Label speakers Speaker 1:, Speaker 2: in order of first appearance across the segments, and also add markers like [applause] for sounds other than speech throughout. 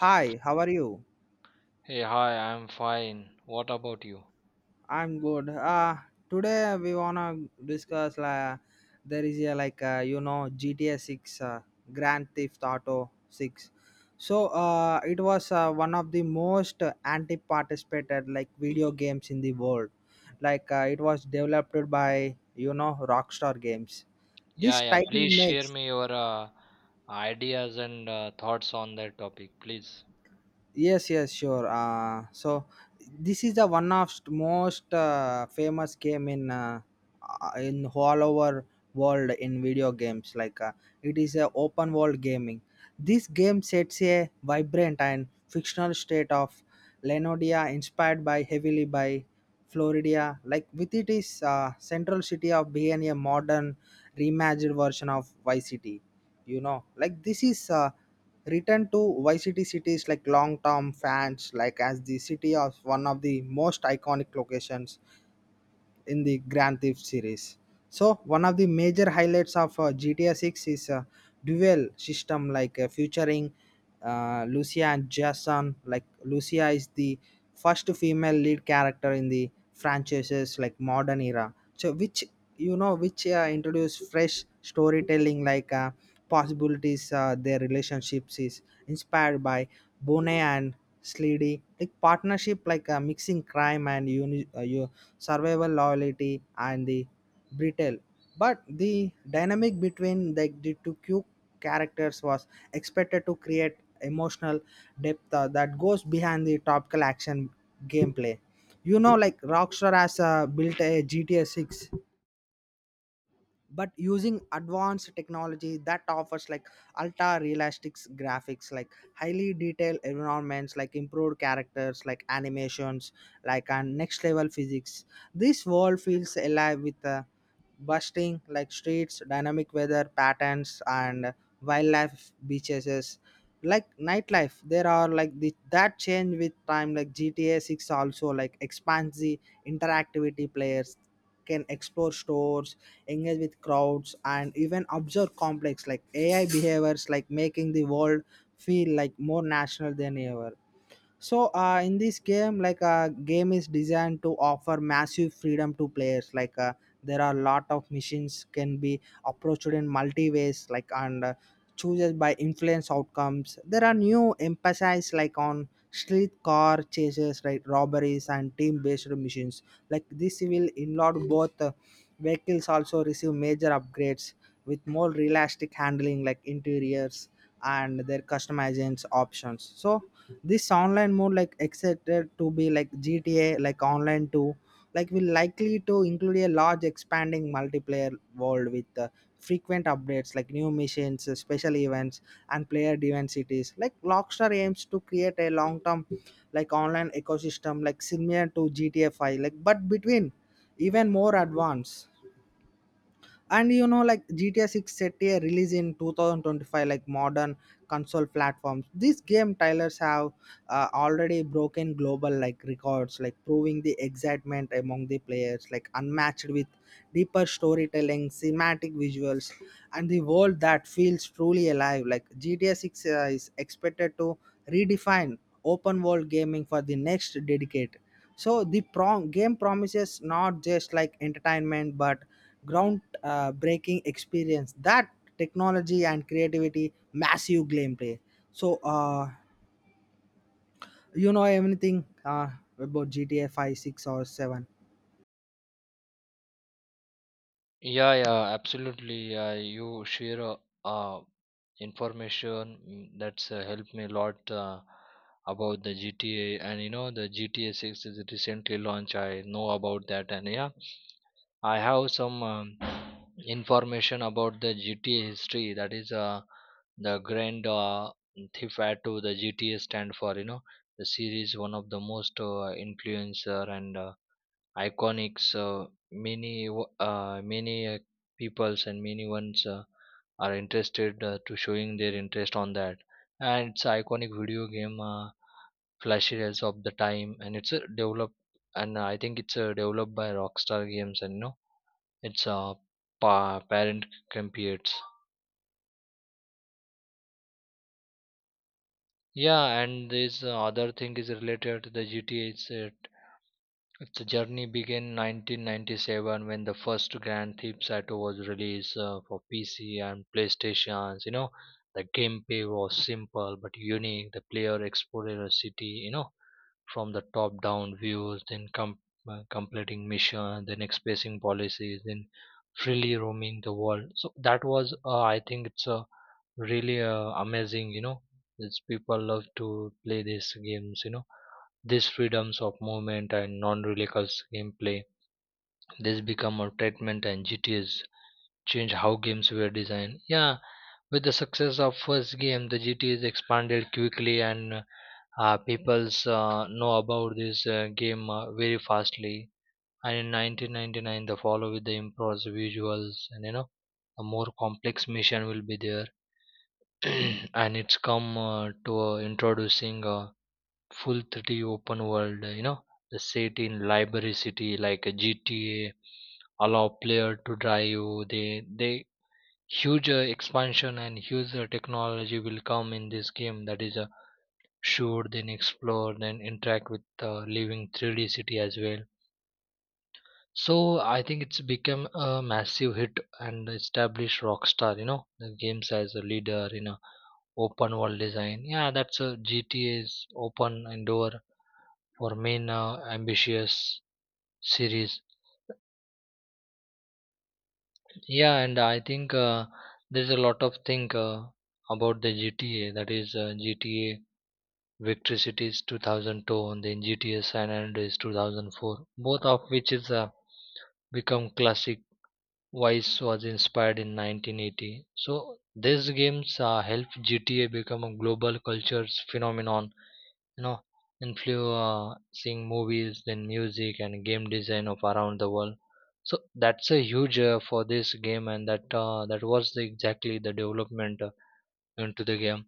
Speaker 1: Hi, how are you?
Speaker 2: Hey, hi, I'm fine. What about you?
Speaker 1: I'm good. Today we wanna discuss there is a GTA 6, Grand Theft Auto 6. It was one of the most anti-participated video games in the world. It was developed by Rockstar Games.
Speaker 2: Yeah,
Speaker 1: This
Speaker 2: yeah,
Speaker 1: title
Speaker 2: please share
Speaker 1: makes.
Speaker 2: me your ideas and thoughts on that topic, please.
Speaker 1: Yes, yes, sure. So this is the most famous game in all over world in video games. It is a open world gaming. This game sets a vibrant and fictional state of Lenodia inspired by heavily by Florida. Like with it is central city of being a modern reimagined version of YCT. You know, like this is written to YCT cities like long-term fans, like as the city of one of the most iconic locations in the Grand Theft series. So one of the major highlights of GTA 6 is a dual system featuring Lucia and Jason. Like Lucia is the first female lead character in the franchises like modern era. So which you know which introduce fresh storytelling possibilities. Their relationships is inspired by Bonet and Sleedy. Like partnership mixing crime and survival loyalty and the brittle, but the dynamic between the two cute characters was expected to create emotional depth that goes behind the topical action gameplay. You know like Rockstar has built a GTA 6 but using advanced technology that offers like ultra realistic graphics, like highly detailed environments, like improved characters, like animations, like and next level physics. This world feels alive with busting like streets, dynamic weather patterns, and wildlife beaches. Like nightlife, there are like that change with time. Like GTA Six also like expands the interactivity. Players can explore stores, engage with crowds, and even observe complex like AI behaviors, like making the world feel like more national than ever. In this game, like a game is designed to offer massive freedom to players. There are a lot of missions can be approached in multi ways, and chooses by influence outcomes. There are new emphasis like on street car chases, right, robberies and team based missions. Like this will involve both. Vehicles also receive major upgrades with more realistic handling, like interiors and their customizations options. So this online mode like excited to be like GTA like online too, like will likely to include a large expanding multiplayer world with frequent updates, like new missions, special events and player driven cities. Like Rockstar aims to create a long-term like online ecosystem, like similar to GTA 5, like but between even more advanced. And you know like GTA 6 set a release in 2025, like modern console platforms. This game trailers have already broken global like records, like proving the excitement among the players like unmatched with deeper storytelling, cinematic visuals and the world that feels truly alive. Like GTA 6 is expected to redefine open world gaming for the next decade. So the game promises not just like entertainment but ground breaking experience that technology and creativity massive gameplay. so uh, anything about GTA 5, 6 or 7?
Speaker 2: Yeah, yeah, absolutely. You share uh, information, that's helped me a lot about the GTA, and you know, the GTA 6 is recently launched. I know about that, and yeah. I have some information about the GTA history. That is the grand theft to the GTA stand for. You know, the series one of the most influencer and iconics. Many peoples and many ones are interested to showing their interest on that. And it's iconic video game flashiness of the time, and it's developed, and I think it's developed by Rockstar Games. And you know, it's a parent computes. Yeah, and this other thing is related to the GTA. It's it. The journey began 1997 when the first Grand Theft Auto was released for PC and PlayStations. You know, the gameplay was simple but unique. The player explored a city, you know, from the top-down views, then completing missions, then expressing policies, then freely roaming the world. So that was, I think, it's a really amazing. You know, it's people love to play these games. You know, these freedoms of movement and non-reckless gameplay, this become a treatment, and GTAs changed how games were designed. Yeah, with the success of first game, the GTAs expanded quickly, and people's know about this game very fastly. And in 1999, the follow with the improved visuals, and you know, a more complex mission will be there. [clears throat] And it's come to introducing. Full 3D open world, you know, the set in library city like a GTA, allow player to drive. They huge expansion and huge technology will come in this game. That is, shoot, then explore, then interact with the living 3D city as well. So I think it's become a massive hit and established Rockstar, you know, the games as a leader in a open world design. Yeah, that's a GTA's open and door or main ambitious series. Yeah, and I think there's a lot of thing about the GTA. That is GTA Victory Cities 2002, and then GTA San Andreas 2004, both of which is become classic. Vice was inspired in 1980. So these games helped GTA become a global culture phenomenon, you know, influencing movies, then music and game design of around the world. So that's a huge for this game, and that was the, exactly the development into the game.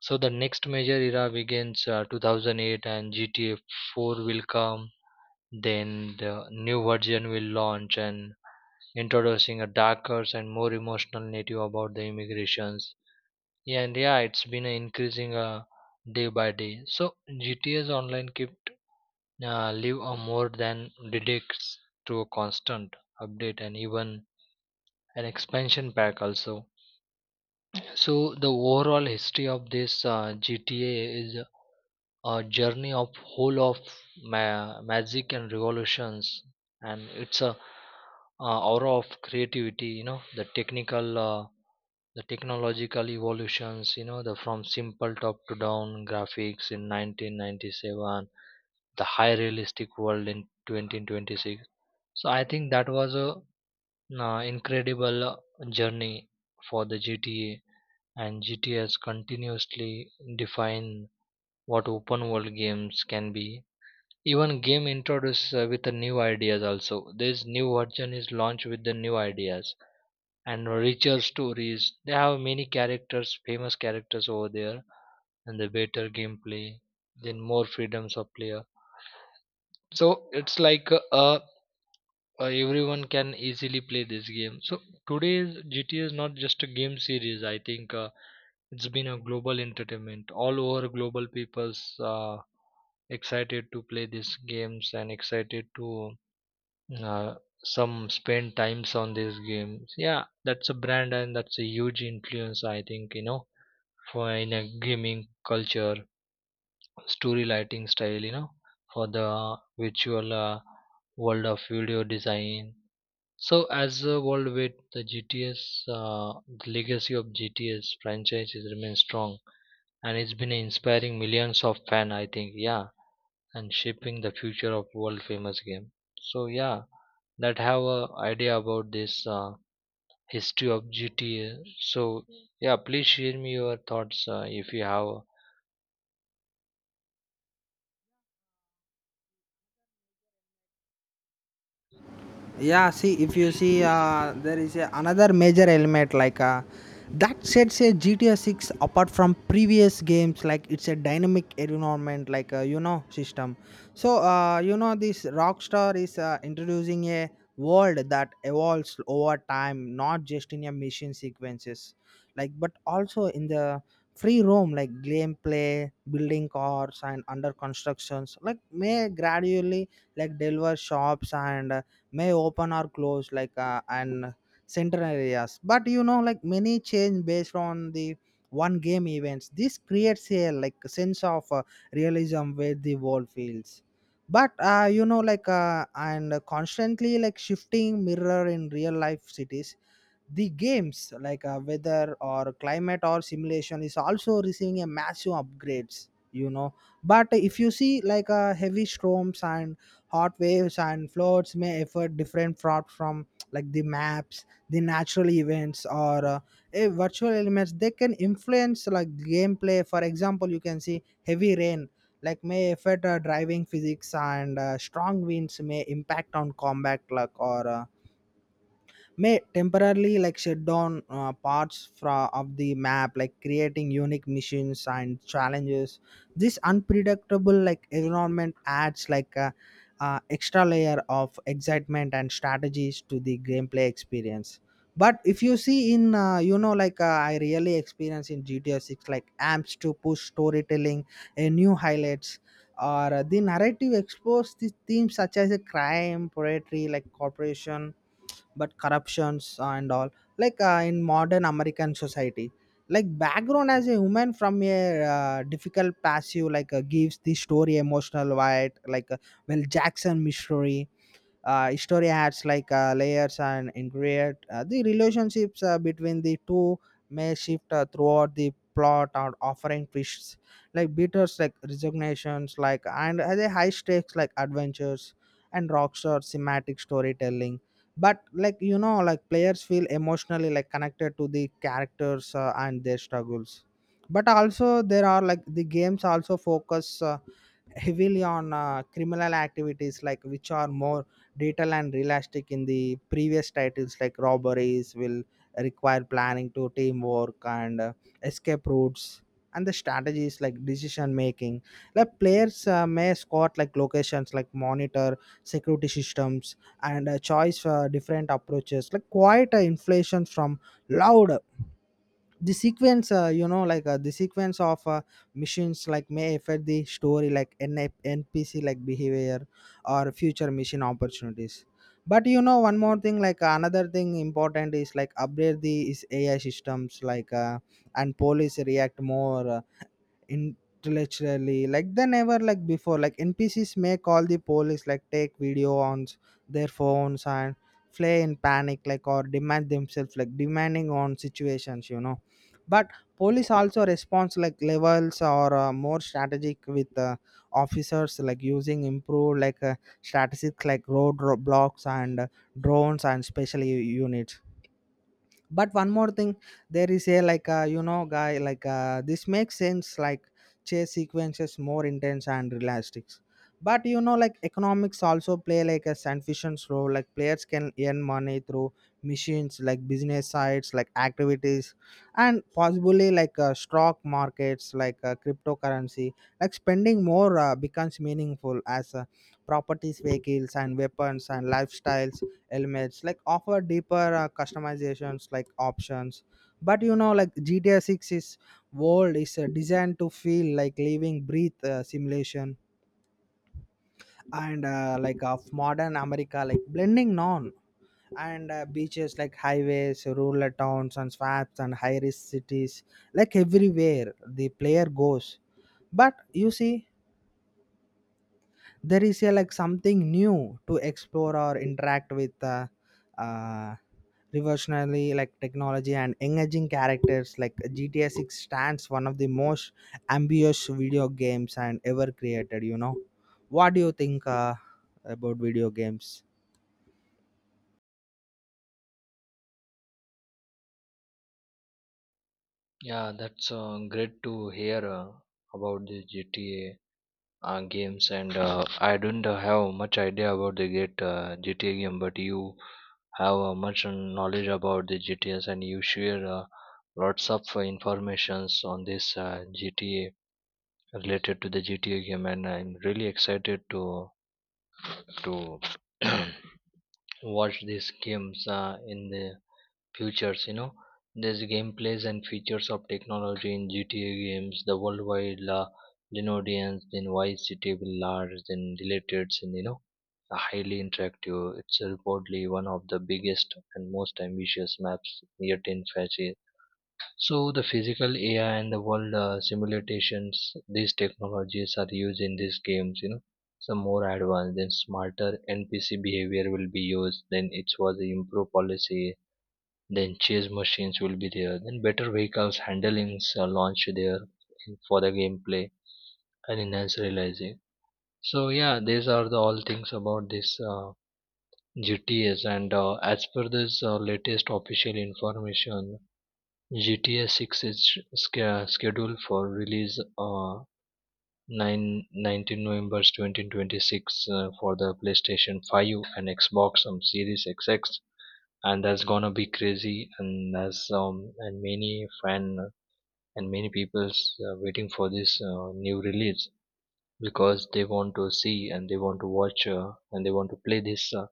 Speaker 2: So the next major era begins 2008, and GTA 4 will come. Then the new version will launch, and introducing a darker and more emotional narrative about the immigrations. Yeah, and yeah, it's been increasing day by day. So GTA's online kept live are more than dedicates to a constant update, and even an expansion pack also. So the overall history of this GTA is a journey of whole of magic and revolutions. And it's a aura of creativity. You know, the technological evolutions, you know, the from simple top to down graphics in 1997, the high realistic world in 2026. So I think that was a incredible journey for the GTA, and GTA has continuously defined what open world games can be. Even game introduced with the new ideas also. This new version is launched with the new ideas and richer stories. They have many characters, famous characters over there, and the better gameplay, then more freedoms of player. So it's like a everyone can easily play this game. So today's GTA is not just a game series. I think it's been a global entertainment. All over global, people's excited to play these games and excited to uh, some spend times on these games. Yeah, that's a brand, and that's a huge influence. I think, you know, for in a gaming culture, story lighting style. You know, for the virtual world of video design. So as the world with the GTS, the legacy of GTS franchise is remains strong, and it's been inspiring millions of fans. I think, yeah, and shaping the future of world famous game. So yeah, that have a idea about this history of GTA. So yeah, please share me your thoughts if you have.
Speaker 1: Yeah, see, if you see there is another major element that sets a GTA 6 apart from previous games, like it's a dynamic environment system. This Rockstar is introducing a world that evolves over time, not just in your mission sequences like but also in the free roam like gameplay. Building cars and under constructions like may gradually like deliver shops, and may open or close, and central areas. But you know like many change based on the one game events. This creates a like sense of realism where the world feels, but you know like and constantly like shifting mirror in real life cities. The games like weather or climate or simulation is also receiving a massive upgrades, you know. But if you see like heavy storms and hot waves and floods may affect different fraud from like the maps, the natural events or virtual elements. They can influence like gameplay. For example, you can see heavy rain like may affect driving physics, and strong winds may impact on combat luck, or may temporarily like shut down of the map, like creating unique missions and challenges. This unpredictable like environment adds like extra layer of excitement and strategies to the gameplay experience. But if you see in I really experience in GTA 6, like amps to push storytelling a new highlights, or the narrative explores the themes such as a crime poetry like corporation but corruptions and all, in modern American society. Like background as a woman from a difficult past, you like gives the story emotional weight. Well, Jackson mystery story adds like layers and ingredient. The relationships between the two may shift throughout the plot or offering twists, like bitters, like resignations, and the high stakes like adventures and Rockstar thematic storytelling. But like you know like players feel emotionally like connected to the characters and their struggles. But also, there are like the games also focus heavily on criminal activities, like which are more detailed and realistic in the previous titles. Like robberies will require planning to teamwork, and escape routes and the strategies, like decision making. Like players may scout like locations, like monitor security systems, and choice different approaches, like quite inflation from loud. The sequence the sequence of missions like may affect the story, like NPC like behavior or future mission opportunities. But you know, one more thing, like another thing important is like upgrade the is AI systems, and police react more intellectually like they never like before. Like NPCs may call the police, like take video on their phones and flay in panic, like or demand themselves, like demanding on situations, you know. But police also responds like levels, or more strategic with officers, like using improved strategic like road blocks, and drones and special units. But one more thing, there is a like a you know guy like this makes sense like chase sequences more intense and realistic. But you know like economics also play like a sufficient role. Like players can earn money through machines, like business sites, like activities, and possibly like stock markets, like cryptocurrency. Like spending more becomes meaningful as properties, vehicles and weapons and lifestyles, helmets like offer deeper customizations like options. But you know like GTA 6 is world is designed to feel like living breathe simulation and like of modern America, like blending non and beaches, like highways, rural towns and swamps and high risk cities like everywhere the player goes. But you see, there is a like something new to explore or interact with. Uh, Revolutionary like technology and engaging characters, like GTA 6 stands one of the most ambitious video games and ever created, you know. What do you think about video games?
Speaker 2: Yeah, that's great to hear about the GTA games, and I don't have much idea about the GTA game, but you have much knowledge about the GTAs, and you share lots of informations on this GTA related to the GTA game, and I'm really excited to [clears throat] watch these games in the futures. You know, there's gameplays and features of technology in GTA games, the worldwide la linodians, then Vice City villars, then related, and you know, are highly interactive. It's reportedly one of the biggest and most ambitious maps yet in fashion. So the physical AI and the world simulations, these technologies are used in these games. You know, some more advanced, then smarter NPC behavior will be used, then it was the improved policy, then chase machines will be there, then better vehicles handlings are launched there for the gameplay, and enhance realizing. So yeah, these are the all things about this GTS. And as per this latest official information, GTA 6 is scheduled for release uh, 9 19 November 2026 for the PlayStation 5 and Xbox Series X. X, and that's gonna be crazy. And that's and many fan and many people's waiting for this new release, because they want to see and they want to watch and they want to play this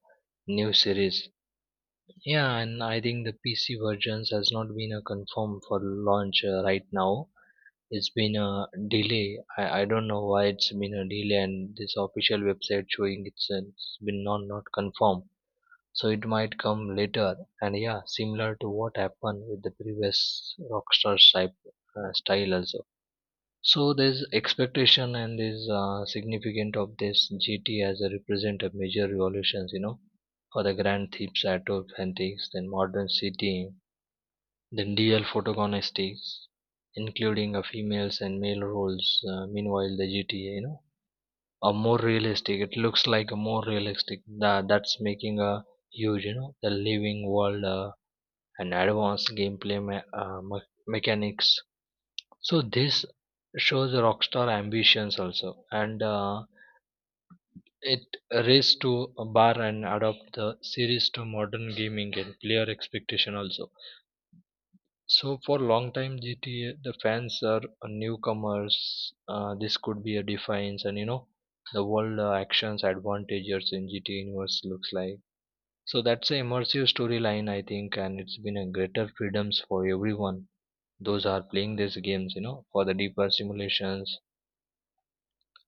Speaker 2: new series. Yeah, and I think the PC versions has not been confirmed for launch right now. It's been a delay. I don't know why it's been a delay, and this official website showing it's been not confirmed, so it might come later. And yeah, similar to what happened with the previous Rockstar type style also. So there's expectation, and there's significant of this GT as a represent a major revolutions, you know, for the grand thieves at antiques, then modern city, then DL photogonistics, including a females and male roles. Meanwhile, the GTA, you know, a more realistic. It looks like a more realistic. That's making a huge, you know, the living world and advanced gameplay mechanics. So this shows the Rockstar ambitions also, and it raced to a bar and adopt the series to modern gaming and player expectation also. So for long time GTA, the fans are newcomers. This could be a defiance, and you know, the world actions advantages in GTA universe looks like. So that's a immersive storyline, I think, and it's been a greater freedoms for everyone. Those are playing these games, you know, for the deeper simulations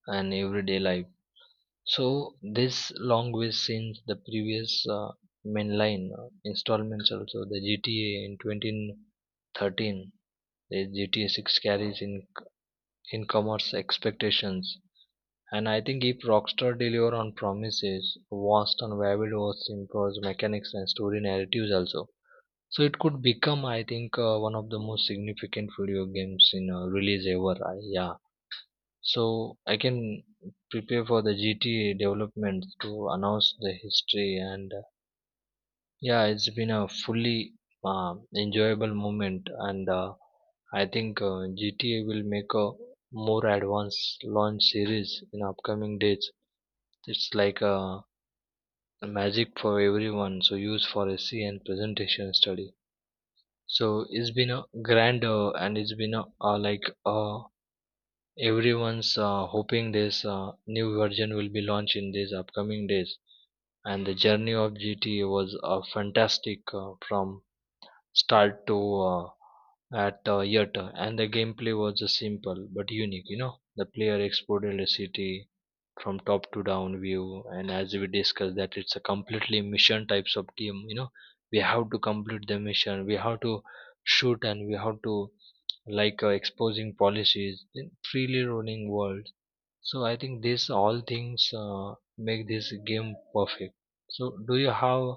Speaker 2: and everyday life. So this long way since the previous mainline installments also, the GTA in 2013, the GTA 6 carries in commerce expectations. And I think if Rockstar deliver on promises vast and varied was improves mechanics and story narratives also, so it could become, I think, one of the most significant video games in release ever, yeah. So I can prepare for the GTA development to announce the history, and yeah, it's been a fully enjoyable moment, and I think GTA will make a more advanced launch series in upcoming dates. It's like a magic for everyone, so use for SE and presentation study. So it's been a grand and it's been a like a everyone's hoping this new version will be launched in these upcoming days. And the journey of GTA was fantastic from start to uh, at yet. And the gameplay was just simple but unique. You know, the player explored the city from top to down view, and as we discussed, that it's a completely mission types of game. You know, we have to complete the mission, we have to shoot, and we have to like exposing policies in freely rolling world. So I think these all things make this game perfect. So do you have